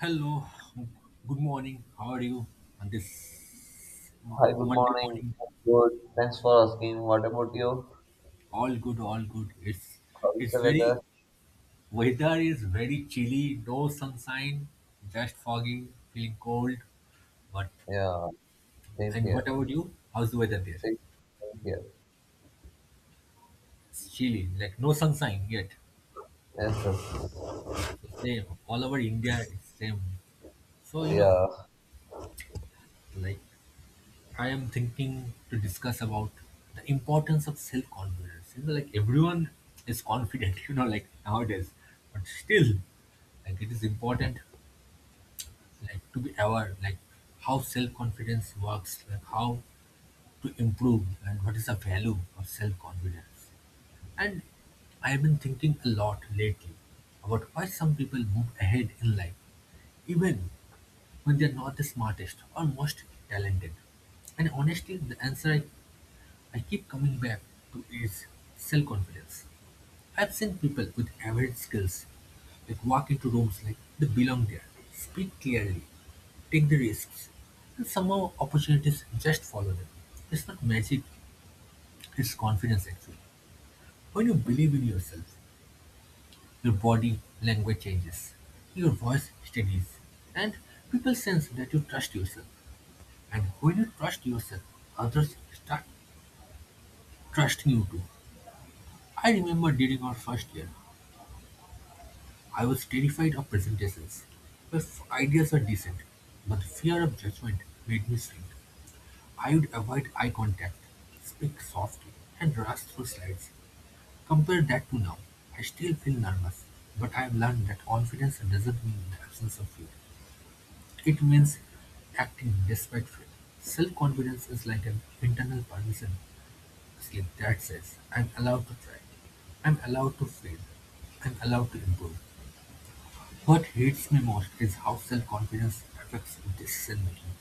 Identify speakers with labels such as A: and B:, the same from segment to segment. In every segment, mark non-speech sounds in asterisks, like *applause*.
A: Hello, good morning. How are you on this
B: Hi, good
A: Monday
B: morning.
A: morning?
B: I'm Good. Thanks for asking. What about you?
A: All good, all good.
B: How is
A: It's
B: the
A: very
B: weather?
A: Weather is very chilly, no sunshine, just fogging, feeling cold. But
B: Yeah, same
A: And
B: here.
A: what about you? How's the weather there?
B: Same same here.
A: It's chilly, like no sunshine yet.
B: Yes, yes.
A: So same all over India, it's same. So
B: Yeah.
A: like I am thinking to discuss about the importance of self-confidence. Like everyone is confident, *laughs* like nowadays, but still, like it is important, like to be aware, like how self-confidence works, like how to improve, and what is the value of self-confidence. And I have been thinking a lot lately about why some people move ahead in life, even when they are not the smartest or most talented. And honestly, the answer I keep coming back to is self-confidence. I've seen people with average skills that walk into rooms like they belong there, speak clearly, take the risks, and somehow opportunities just follow them. It's not magic, it's confidence actually. When you believe in yourself, your body language changes, your voice steadies, and people sense that you trust yourself. And when you trust yourself, others start trusting you too. I remember during our first year, I was terrified of presentations, where ideas were decent, but the fear of judgment made me shrink. I would avoid eye contact, speak softly, and rush through slides. Compare that to now. I still feel nervous, but I have learned that confidence doesn't mean the absence of fear. It means acting despite fear. Self confidence is like an internal permission slip that says, I'm allowed to try, I'm allowed to fail, I'm allowed to improve. What hurts me most is how self-confidence affects decision-making.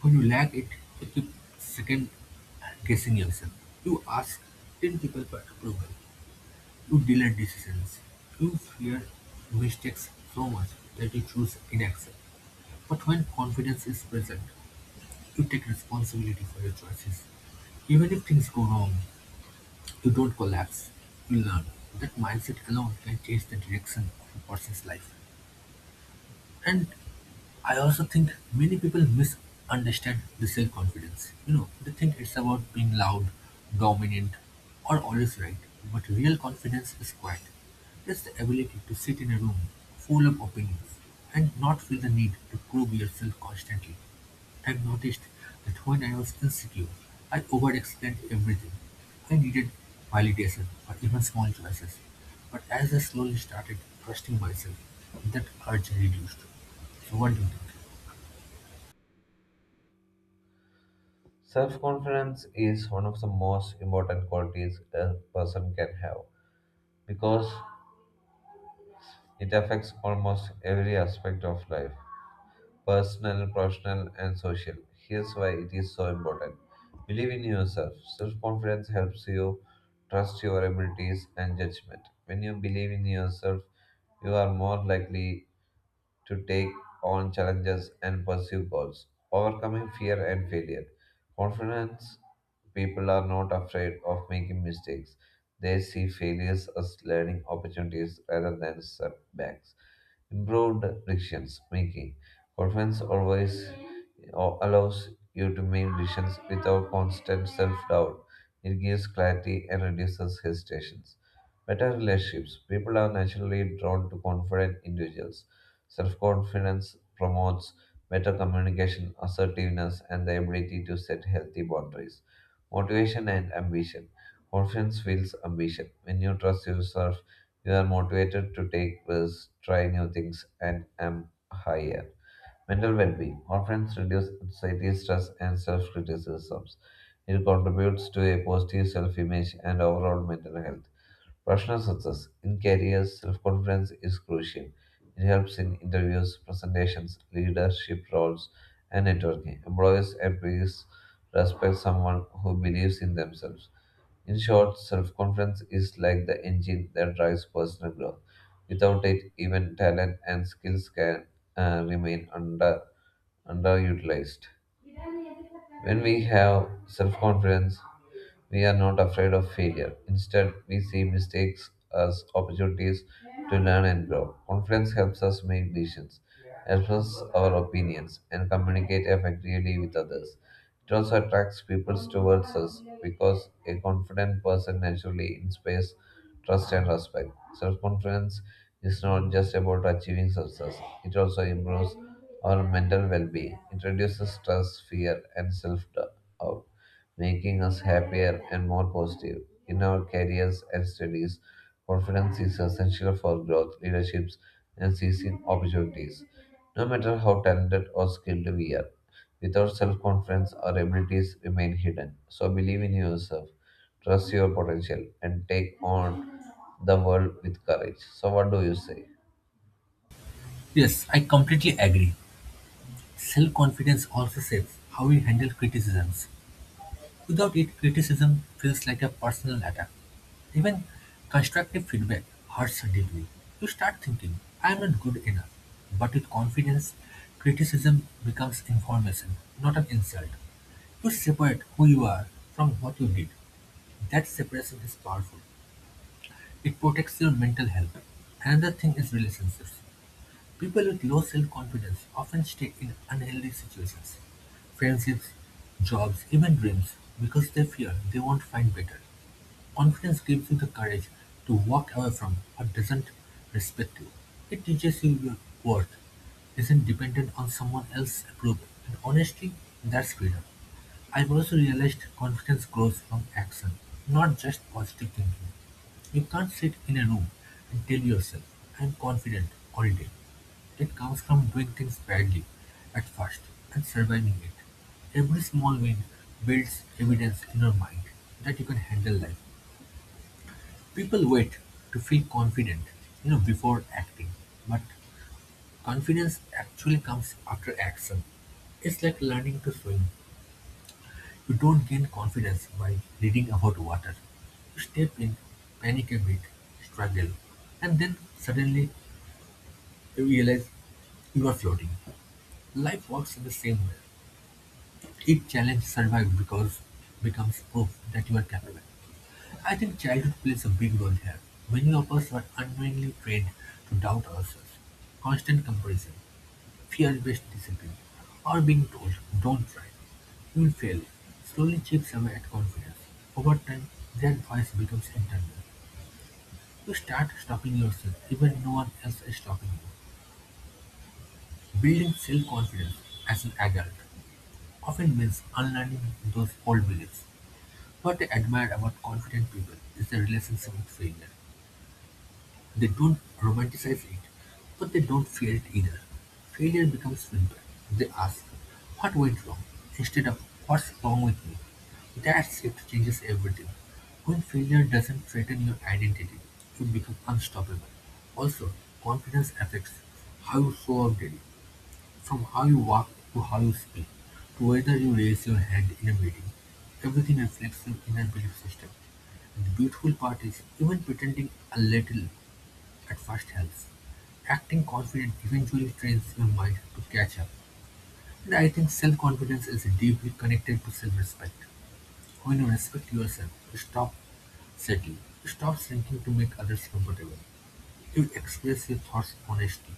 A: When you lack it, you keep second-guessing yourself. You ask 10 people for approval. You delay decisions. You fear mistakes so much that you choose inaction. But when confidence is present, you take responsibility for your choices. Even if things go wrong, you don't collapse. You learn. That mindset alone can change the direction of a person's life. And I also think many people misunderstand the self confidence. They think it's about being loud, dominant, or always right. But real confidence is quiet. It's the ability to sit in a room full of opinions and not feel the need to prove yourself constantly. I've noticed that when I was insecure, I overexplained everything. I needed validation for even small choices. But as I slowly started trusting myself, that urge reduced. So what do you think?
B: Self-confidence is one of the most important qualities a person can have because it affects almost every aspect of life. Personal, professional, and social. Here's why it is so important. Believe in yourself. Self confidence helps you trust your abilities and judgment. When you believe in yourself, you are more likely to take on challenges and pursue goals, overcoming fear and failure. Confidence people are not afraid of making mistakes. They see failures as learning opportunities rather than setbacks. Improved decisions making. Confidence always allows you to make decisions without constant self doubt. It gives clarity and reduces hesitations. Better relationships. People are naturally drawn to confident individuals. Self confidence promotes better communication, assertiveness, and the ability to set healthy boundaries. Motivation and ambition. Confidence fuels ambition. When you trust yourself, you are motivated to take risks, try new things, and aim higher. Mental well being often reduces anxiety, stress, and self criticisms. It contributes to a positive self image and overall mental health. Professional success in careers, self confidence is crucial. It helps in interviews, presentations, leadership roles, and networking. Employers and peers respect someone who believes in themselves. In short, self confidence is like the engine that drives personal growth. Without it, even talent and skills can remain underutilized. When we have self confidence, we are not afraid of failure. Instead, we see mistakes as opportunities to learn and grow. Confidence helps us make decisions, express our opinions, and communicate effectively with others. It also attracts people towards us because a confident person naturally inspires trust and respect. Self confidence is not just about achieving success, it also improves our mental well being. It reduces stress, fear, and self doubt, making us happier and more positive. In our careers and studies, confidence is essential for growth, leaderships, and seizing opportunities. No matter how talented or skilled we are, without self confidence, our abilities remain hidden. So believe in yourself, trust your potential, and take on the world with courage. So, what do you say?
A: Yes, I completely agree. Self-confidence also shapes how we handle criticisms. Without it, criticism feels like a personal attack. Even constructive feedback hurts deeply. You start thinking, I am not good enough. But with confidence, criticism becomes information, not an insult. You separate who you are from what you did. That separation is powerful. It protects your mental health. Another thing is relationships. People with low self-confidence often stay in unhealthy situations, friendships, jobs, even dreams, because they fear they won't find better. Confidence gives you the courage to walk away from what doesn't respect you. It teaches you your worth isn't dependent on someone else's approval. And honestly, that's freedom. I've also realized confidence grows from action, not just positive thinking. You can't sit in a room and tell yourself, I'm confident all day. It comes from doing things badly at first and surviving it. Every small win builds evidence in your mind that you can handle life. People wait to feel confident, before acting. But confidence actually comes after action. It's like learning to swim. You don't gain confidence by reading about water. You step in, panic a bit, struggle, and then suddenly you realize you are floating. Life works in the same way. Each challenge survives because becomes proof that you are capable. I think childhood plays a big role here. Many of us were unknowingly trained to doubt ourselves. Constant comparison, fear based discipline, or being told, don't try, you'll fail, slowly chips away at confidence. Over time, that voice becomes internal. You start stopping yourself, even no one else is stopping you. Building self confidence as an adult often means unlearning those old beliefs. What I admire about confident people is their relationship with failure. They don't romanticize it, but they don't fear it either. Failure becomes simple. They ask, what went wrong? Instead of what's wrong with me? That shift changes everything. When failure doesn't threaten your identity, you become unstoppable. Also, confidence affects how you show up daily, from how you walk to how you speak, to whether you raise your hand in a meeting. Everything reflects your inner belief system. And the beautiful part is, even pretending a little at first helps; acting confident eventually trains your mind to catch up, and I think self-confidence is deeply connected to self-respect. When you respect yourself, you stop settling, you stop shrinking to make others comfortable. You express your thoughts honestly,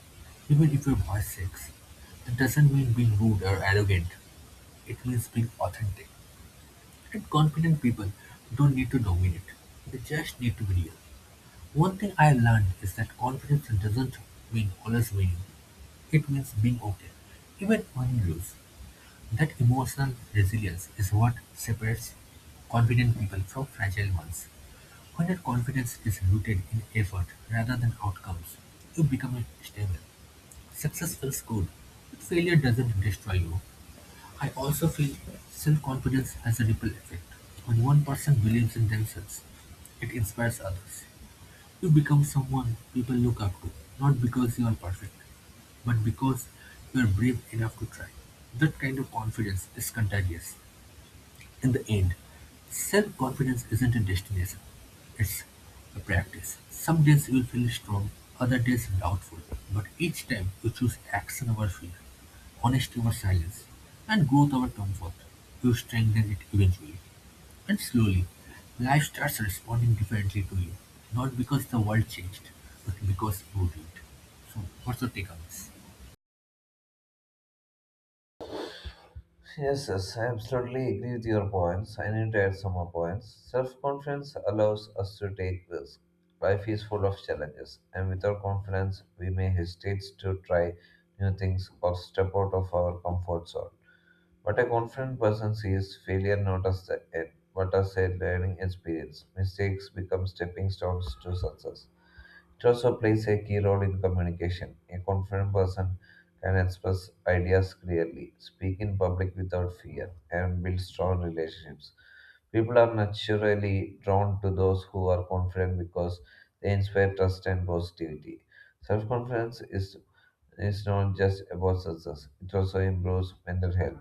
A: even if your voice shakes. That doesn't mean being rude or arrogant. It means being authentic. And confident people don't need to dominate. They just need to be real. One thing I learned is that confidence doesn't mean always winning. It means being okay, even when you lose. That emotional resilience is what separates confident people from fragile ones. When your confidence is rooted in effort rather than outcomes, you become stable. Success feels good, but failure doesn't destroy you. I also feel self-confidence has a ripple effect. When one person believes in themselves, it inspires others. You become someone people look up to, not because you are perfect, but because you are brave enough to try. That kind of confidence is contagious. In the end, self confidence isn't a destination, it's a practice. Some days you will feel strong, other days doubtful, but each time you choose action over fear, honesty over silence, and growth over comfort. You strengthen it eventually. And slowly, life starts responding differently to you. Not because the world changed, but because you did. So, what's your take on this?
B: Yes, yes, I absolutely agree with your points. I need to add some more points. Self confidence allows us to take risks. Life is full of challenges, and without confidence, we may hesitate to try new things or step out of our comfort zone. What a confident person sees failure not as the end, but as a learning experience. Mistakes become stepping stones to success. It also plays a key role in communication. A confident person can express ideas clearly, speak in public without fear, and build strong relationships. People are naturally drawn to those who are confident because they inspire trust and positivity. Self confidence is not just about success, it also improves mental health.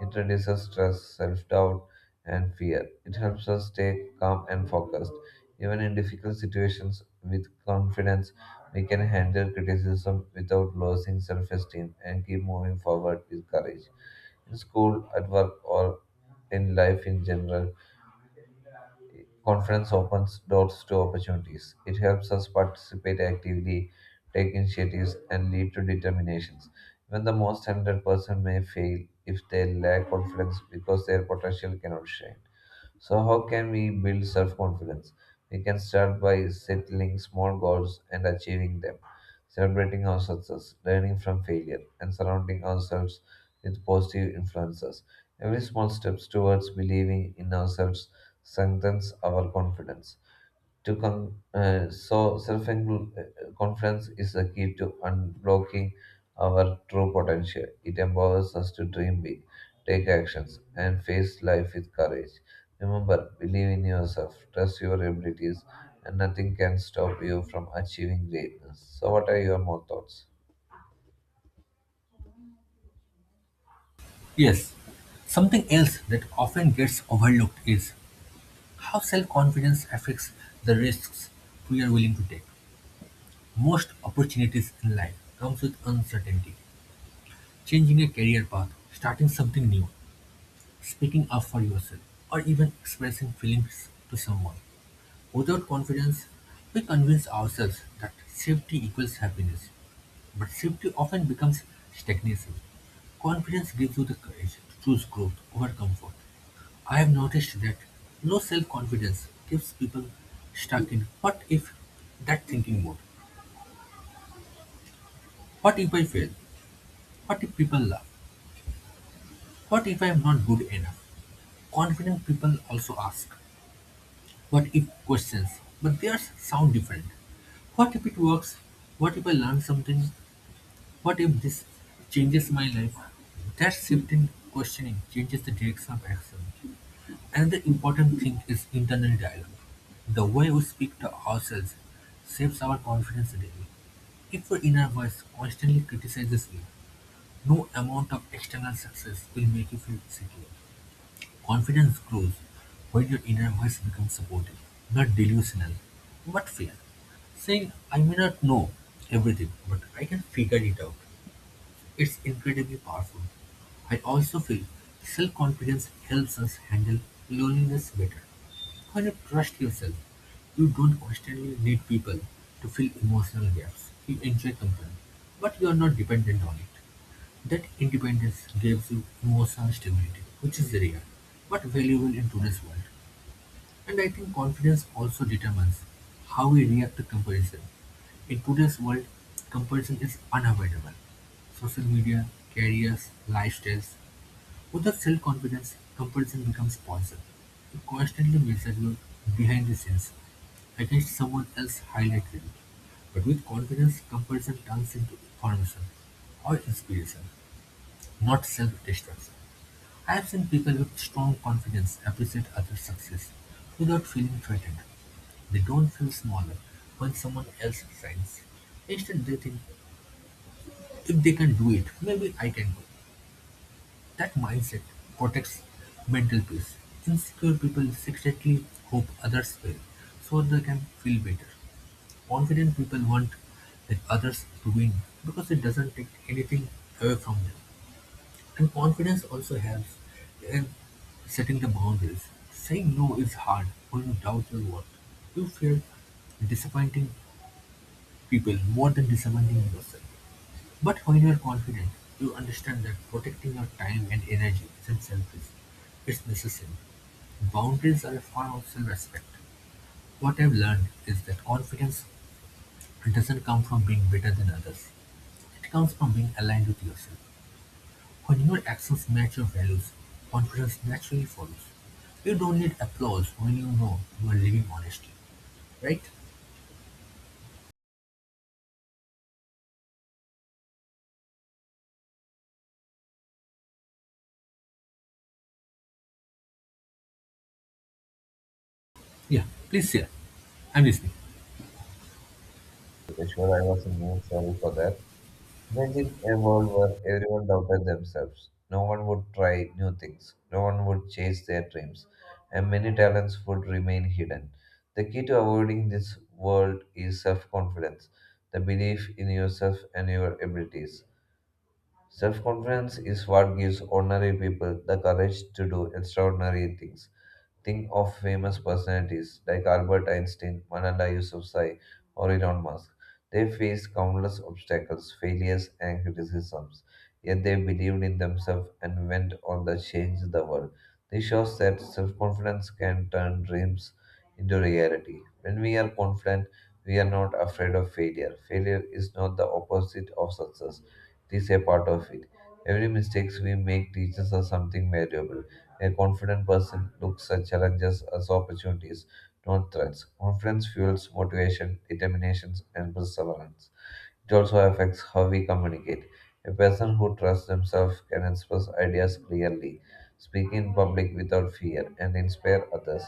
B: It reduces stress, self doubt, and fear. It helps us stay calm and focused, even in difficult situations. With confidence we can handle criticism without losing self esteem and keep moving forward with courage. In school, at work, or in life in general, confidence opens doors to opportunities. It helps us participate actively, take initiatives, and lead to determinations. Even the most talented person may fail if they lack confidence because their potential cannot shine. So, how can we build self confidence? We can start by settling small goals and achieving them, celebrating our success, learning from failure, and surrounding ourselves with positive influences. Every small step towards believing in ourselves strengthens our confidence so self confidence is the key to unblocking our true potential. It empowers us to dream big, take actions, and face life with courage. Remember, believe in yourself, trust your abilities, and nothing can stop you from achieving greatness. So, what are your more thoughts?
A: Yes. Something else that often gets overlooked is how self confidence affects the risks we are willing to take. Most opportunities in life comes with uncertainty. Changing a career path, starting something new, speaking up for yourself, or even expressing feelings to someone. Without confidence, we convince ourselves that safety equals happiness, but safety often becomes stagnation. Confidence gives you the courage to choose growth over comfort. I have noticed that low self confidence keeps people stuck in what if that thinking mode. What if I fail? What if people laugh? What if I am not good enough? Confident people also ask what if questions, but theirs sound different. What if it works? What if I learn something? What if this changes my life? That shifting questioning changes the direction of action. Another important thing is internal dialogue. The way we speak to ourselves shapes our confidence daily. If your inner voice constantly criticizes you, no amount of external success will make you feel secure. Confidence grows when your inner voice becomes supportive, not delusional, but fair. Saying, I may not know everything, but I can figure it out, it's incredibly powerful. I also feel self-confidence helps us handle loneliness better. When you trust yourself, you don't constantly need people to fill emotional gaps. You enjoy company, but you are not dependent on it. That independence gives you emotional stability, which is rare but valuable in today's world. And I think confidence also determines how we react to comparison. In today's world, comparison is unavoidable. Social media, careers, lifestyles. Without self confidence, comparison becomes poison. You constantly measure your behind the scenes against someone else's highlight reel. But with confidence, comparison turns into information or inspiration, not self destruction. I've seen people with strong confidence appreciate others' success without feeling threatened. They don't feel smaller when someone else shines. Instead, they think, if they can do it, maybe I can do. That mindset protects mental peace. Insecure people secretly hope others fail so they can feel better. Confident people want that others to win because it doesn't take anything away from them. And confidence also helps in setting the boundaries. Saying no is hard when you doubt your worth. You fear disappointing people more than disappointing yourself. But when you are confident, you understand that protecting your time and energy isn't selfish, it's necessary. Boundaries are a form of self respect. What I've learned is that confidence doesn't come from being better than others, it comes from being aligned with yourself. When your actions match your values, confidence naturally follows. You don't need applause when you know you are living honestly, right? Yeah, please share. I'm listening.
B: Okay, sure, I was in. Sorry for that. Imagine a world where everyone doubted themselves. No one would try new things. No one would chase their dreams. And many talents would remain hidden. The key to avoiding this world is self confidence, the belief in yourself and your abilities. Self confidence is what gives ordinary people the courage to do extraordinary things. Think of famous personalities like Albert Einstein, Malala Yousafzai, or Elon Musk. They faced countless obstacles, failures, and criticisms, yet they believed in themselves and went on to change the world. This shows that self confidence can turn dreams into reality. When we are confident, we are not afraid of failure. Failure is not the opposite of success, it is a part of it. Every mistake we make teaches us something valuable. A confident person looks at challenges as opportunities, not threats. Confidence fuels motivation, determination, and perseverance. It also affects how we communicate. A person who trusts themselves can express ideas clearly, speak in public without fear, and inspire others.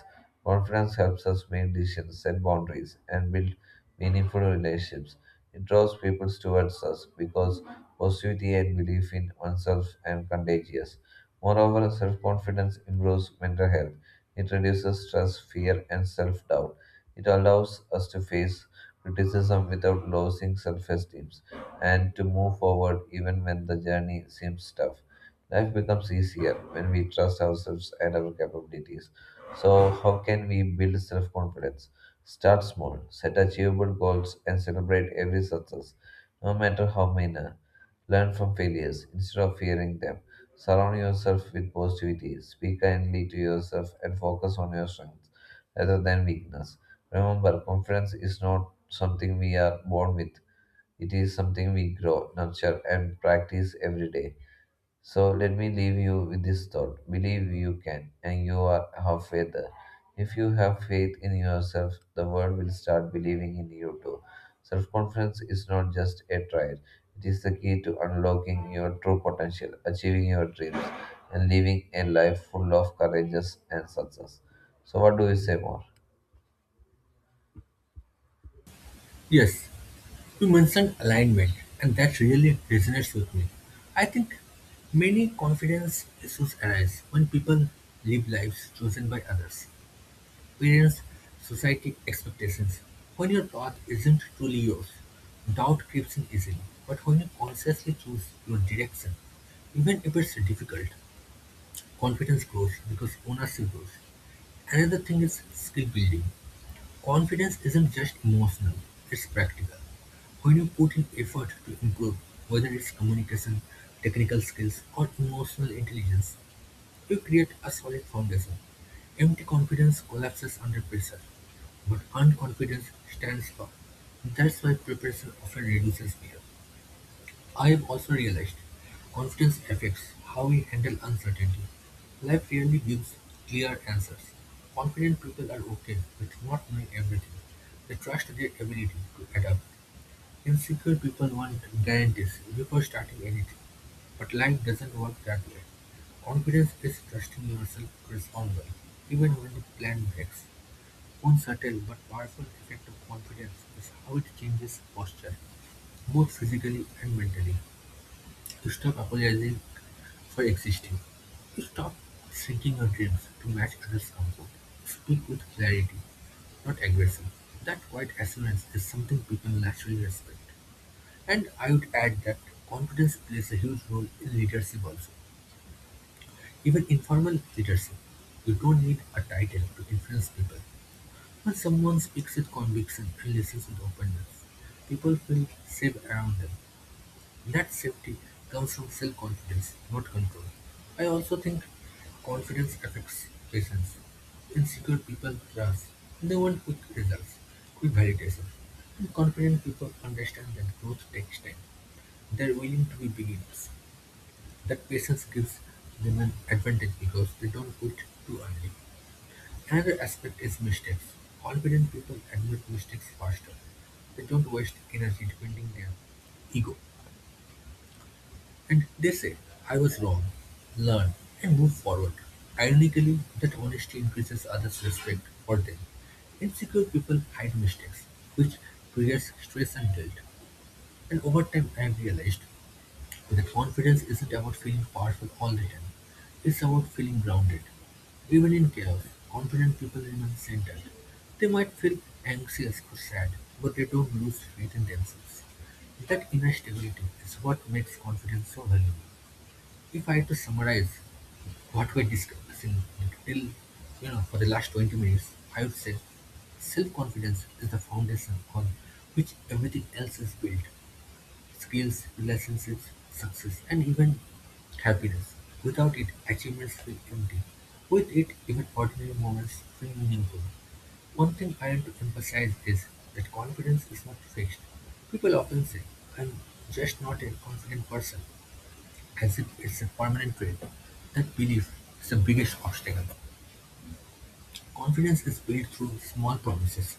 B: Confidence helps us make decisions, set boundaries, and build meaningful relationships. It draws people towards us because positivity and belief in oneself are contagious. Moreover, self confidence improves mental health. It reduces stress, fear, and self doubt. It allows us to face criticism without losing self esteem and to move forward even when the journey seems tough. Life becomes easier when we trust ourselves and our capabilities. So, how can we build self confidence? Start small, set achievable goals, and celebrate every success, no matter how minor. Learn from failures instead of fearing them. Surround yourself with positivity. Speak kindly to yourself and focus on your strengths rather than weakness. Remember, confidence is not something we are born with. It is something we grow, nurture, and practice every day. So let me leave you with this thought. Believe you can, and you are halfway there. If you have faith in yourself, the world will start believing in you too. Self confidence is not just a trait, it is the key to unlocking your true potential, achieving your dreams, and living a life full of courageous and success. So, what do you say more?
A: Yes, you mentioned alignment, and that really resonates with me. I think many confidence issues arise when people live lives chosen by others, experience society expectations. When your path isn't truly yours, doubt creeps in easily. But when you consciously choose your direction, even if it's difficult, confidence grows because ownership grows. Another thing is skill building. Confidence isn't just emotional, it's practical. When you put in effort to improve, whether it's communication, technical skills, or emotional intelligence, you create a solid foundation. Empty confidence collapses under pressure, but earned confidence stands firm. That's why preparation often reduces fear. I have also realized confidence affects how we handle uncertainty. Life rarely gives clear answers. Confident people are okay with not knowing everything. They trust their ability to adapt. Insecure people want guarantees before starting anything, but life doesn't work that way. Confidence is trusting yourself to respond well, even when the plan breaks. One subtle but powerful effect of confidence is how it changes posture, both physically and mentally. You stop apologizing for existing. You stop shrinking your dreams to match others' comfort. Speak with clarity, not aggression. That quiet assurance is something people naturally respect. And I would add that confidence plays a huge role in leadership also. Even informal leadership, you don't need a title to influence people. When someone speaks with conviction and listens with openness, people feel safe around them. That safety comes from self confidence, not control. I also think confidence affects patience. Insecure people trust. They want quick results, quick validation. And confident people understand that growth takes time. They're willing to be beginners. That patience gives them an advantage because they don't quit too early. Another aspect is mistakes. Confident people admit mistakes faster. They don't waste energy defending their ego. And they say, I was wrong, learn, and move forward. Ironically, that honesty increases others' respect for them. Insecure people hide mistakes, which creates stress and guilt. And over time, I have realized that confidence isn't about feeling powerful all the time, it's about feeling grounded. Even in chaos, confident people remain centered. They might feel anxious or sad, but they don't lose faith in themselves. That inner stability is what makes confidence so valuable. If I had to summarize what we're discussing till for the last 20 minutes, I would say self-confidence is the foundation on which everything else is built. Skills, relationships, success, and even happiness. Without it, achievements feel empty. With it, even ordinary moments feel meaningful. One thing I want to emphasize is that confidence is not fixed. People often say, I'm just not a confident person, as if it's a permanent trait. That belief is the biggest obstacle. Confidence is built through small promises,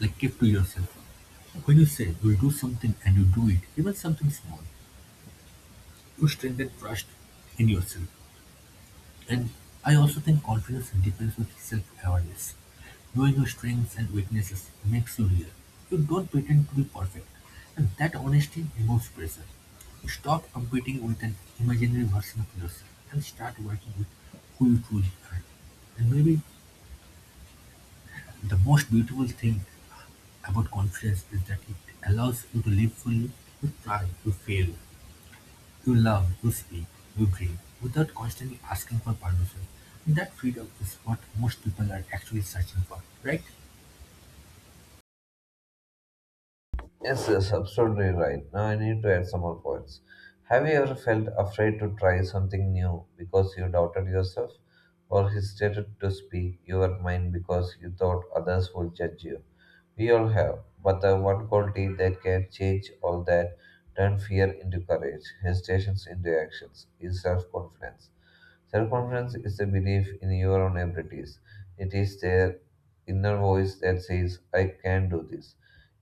A: like keep to yourself. When you say you'll do something and you do it, even something small, to strengthen trust in yourself, and I also think confidence depends on self-awareness. Knowing your strengths and weaknesses makes you real. You don't pretend to be perfect, and that honesty removes pressure. You stop competing with an imaginary version of yourself and start working with who you truly are. And maybe the most beautiful thing about confidence is that it allows you to live fully. You try, you fail, you love, you speak, you dream, without constantly asking for permission. That freedom is what most people are actually searching for, right?
B: Yes, yes, absolutely right. Now I need to add some more points. Have you ever felt afraid to try something new because you doubted yourself or hesitated to speak your mind because you thought others would judge you? We all have, but the one quality that can change all that, turn fear into courage, hesitations into actions, is self confidence. Self confidence is the belief in your own abilities. It is their inner voice that says, I can do this.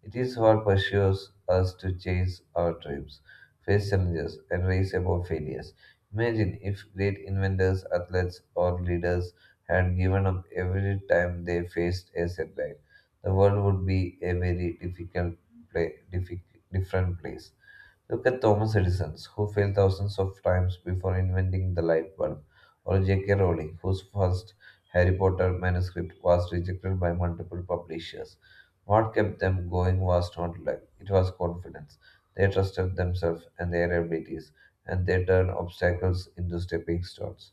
B: It is what pursues us to chase our dreams, face challenges, and rise above failures. Imagine if great inventors, athletes, or leaders had given up every time they faced a setback. The world would be a very pla- diffic- different place. Look at Thomas Edison, who failed thousands of times before inventing the light bulb, or J.K. Rowling, whose first Harry Potter manuscript was rejected by multiple publishers. What kept them going was not luck, it was confidence. They trusted themselves and their abilities, and they turned obstacles into stepping stones.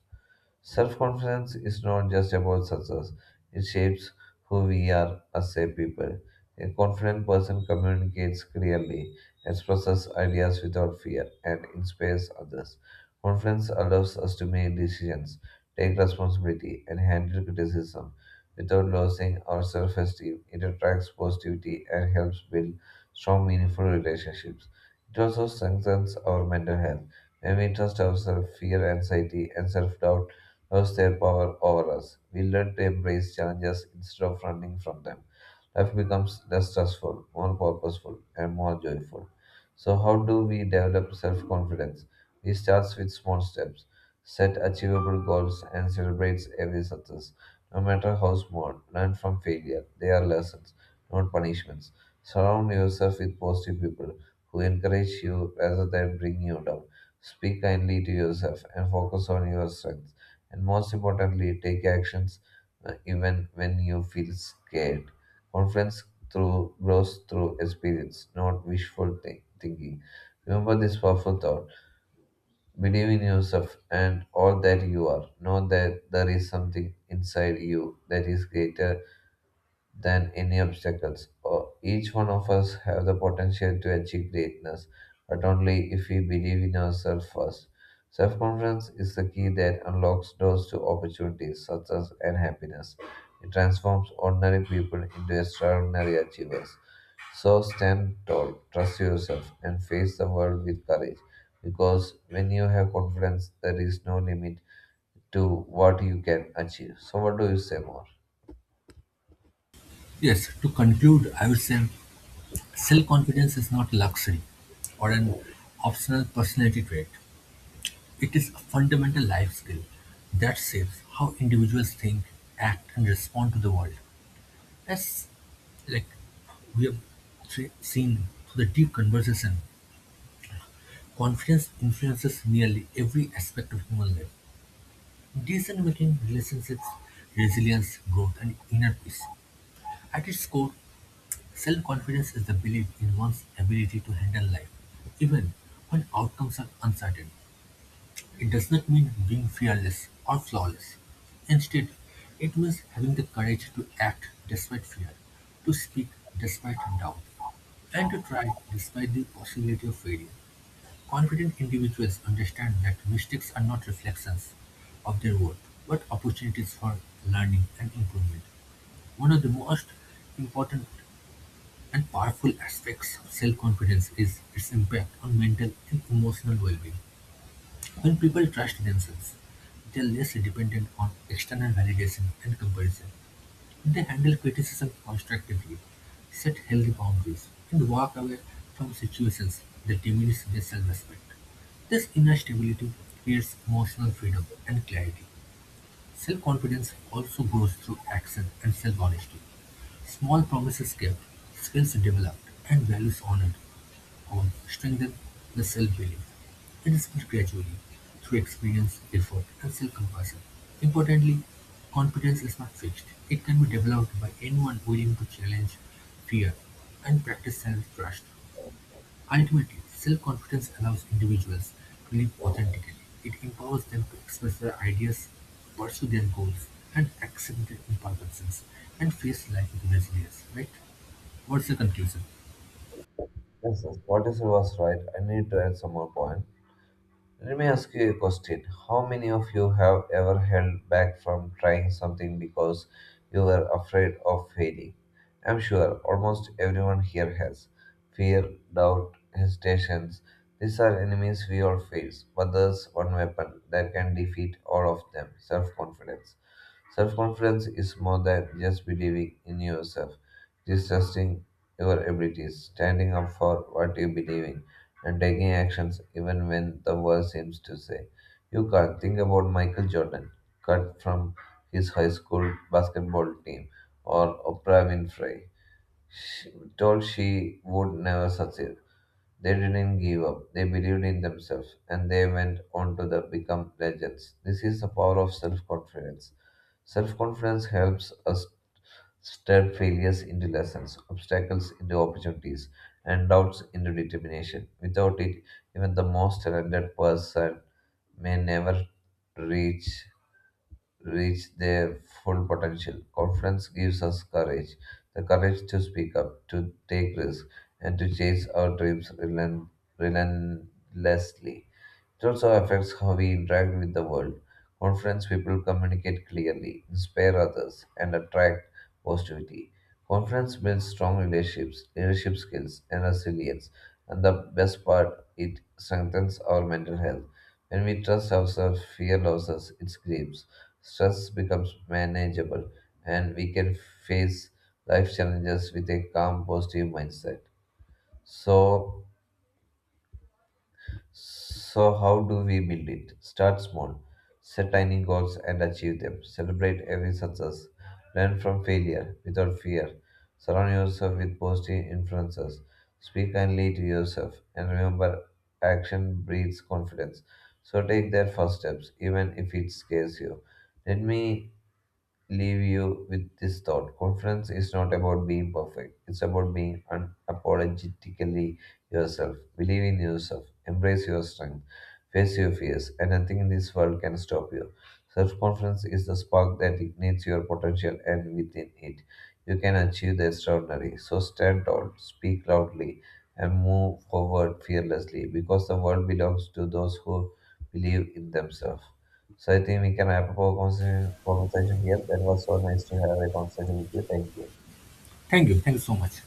B: Self confidence is not just about success, it shapes who we are as a people. A confident person communicates clearly, expresses ideas without fear, and inspires others. Confidence allows us to make decisions, take responsibility, and handle criticism without losing our self esteem. It attracts positivity and helps build strong, meaningful relationships. It also strengthens our mental health. When we trust ourselves, fear, anxiety, and self doubt lost their power over us. We learn to embrace challenges instead of running from them. Life becomes less stressful, more purposeful, and more joyful. So, how do we develop self confidence? It starts with small steps, set achievable goals, and celebrate every success. No matter how small, learn from failure. They are lessons, not punishments. Surround yourself with positive people who encourage you rather than bring you down. Speak kindly to yourself and focus on your strengths, and most importantly, take actions even when you feel scared. Confidence through grows through experience, not thinking. Remember this powerful thought: believe in yourself and all that you are. Know that there is something inside you that is greater than any obstacles. Each one of us have the potential to achieve greatness, but only if we believe in ourselves first. Self-confidence is the key that unlocks doors to opportunities, success, and happiness. It transforms ordinary people into extraordinary achievers. So stand tall, trust yourself, and face the world with courage. Because when you have confidence, there is no limit to what you can achieve. So, what do you say more?
A: Yes, to conclude, I would say self confidence is not luxury or an optional personality trait. It is a fundamental life skill that shapes how individuals think, act, and respond to the world. As like we have seen through the deep conversation, confidence influences nearly every aspect of human life. Decision-making, relationships, resilience, growth, and inner peace. At its core, self-confidence is the belief in one's ability to handle life, even when outcomes are uncertain. It does not mean being fearless or flawless. Instead, it means having the courage to act despite fear, to speak despite doubt, and to try despite the possibility of failure. Confident individuals understand that mistakes are not reflections of their worth, but opportunities for learning and improvement. One of the most important and powerful aspects of self-confidence is its impact on mental and emotional well-being. When people trust themselves, they are less dependent on external validation and comparison. They handle criticism constructively, set healthy boundaries, and walk away from situations that diminish their self-respect. This inner stability creates emotional freedom and clarity. Self-confidence also grows through action and self-honesty. Small promises kept, skills developed, and values honored all strengthen the self-belief. It is built gradually through experience, effort, and self-compassion. Importantly, confidence is not fixed. It can be developed by anyone willing to challenge fear and practice self-trust. Ultimately, self-confidence allows individuals to live authentically. It empowers them to express their ideas, pursue their goals, and accept their imperfections, and face life with resilience, right? What's the conclusion?
B: Yes, yes, what you said was right. I need to add some more point. Let me ask you a question. How many of you have ever held back from trying something because you were afraid of failing? I'm sure almost everyone here has. Fear, doubt, hesitations. These are enemies we all face, but there's one weapon that can defeat all of them: self confidence. Self confidence is more than just believing in yourself, it is trusting your abilities, standing up for what you believe in, and taking actions even when the world seems to say, you can't. Think about Michael Jordan, cut from his high school basketball team, or Oprah Winfrey, she told she would never succeed. They didn't give up. They believed in themselves and they went on to the become legends. This is the power of self confidence. Self confidence helps us turn failures into lessons, obstacles into opportunities, and doubts into determination. Without it, even the most talented person may never reach reach their full potential. Confidence gives us courage, the courage to speak up, to take risks, and to chase our dreams relentlessly. It also affects how we interact with the world. Confidence people communicate clearly, inspire others, and attract positivity. Confidence builds strong relationships, leadership skills, and resilience. And the best part, it strengthens our mental health. When we trust ourselves, fear loses its grips. Stress becomes manageable, and we can face life challenges with a calm, positive mindset. So, so, how do we build it? Start small, set tiny goals and achieve them. Celebrate every success. Learn from failure without fear. Surround yourself with positive influences. Speak kindly to yourself. And remember, action breeds confidence. So, take that first steps, even if it scares you. Let me leave you with this thought: confidence is not about being perfect, it's about being unapologetically yourself. Believe in yourself, embrace your strength, face your fears, and nothing in this world can stop you. Self confidence is the spark that ignites your potential, and within it, you can achieve the extraordinary. So stand tall, speak loudly, and move forward fearlessly because the world belongs to those who believe in themselves. So I think we can wrap up our conversation here. That was so nice to have a conversation with you. Thank you.
A: Thank you. Thank you so much.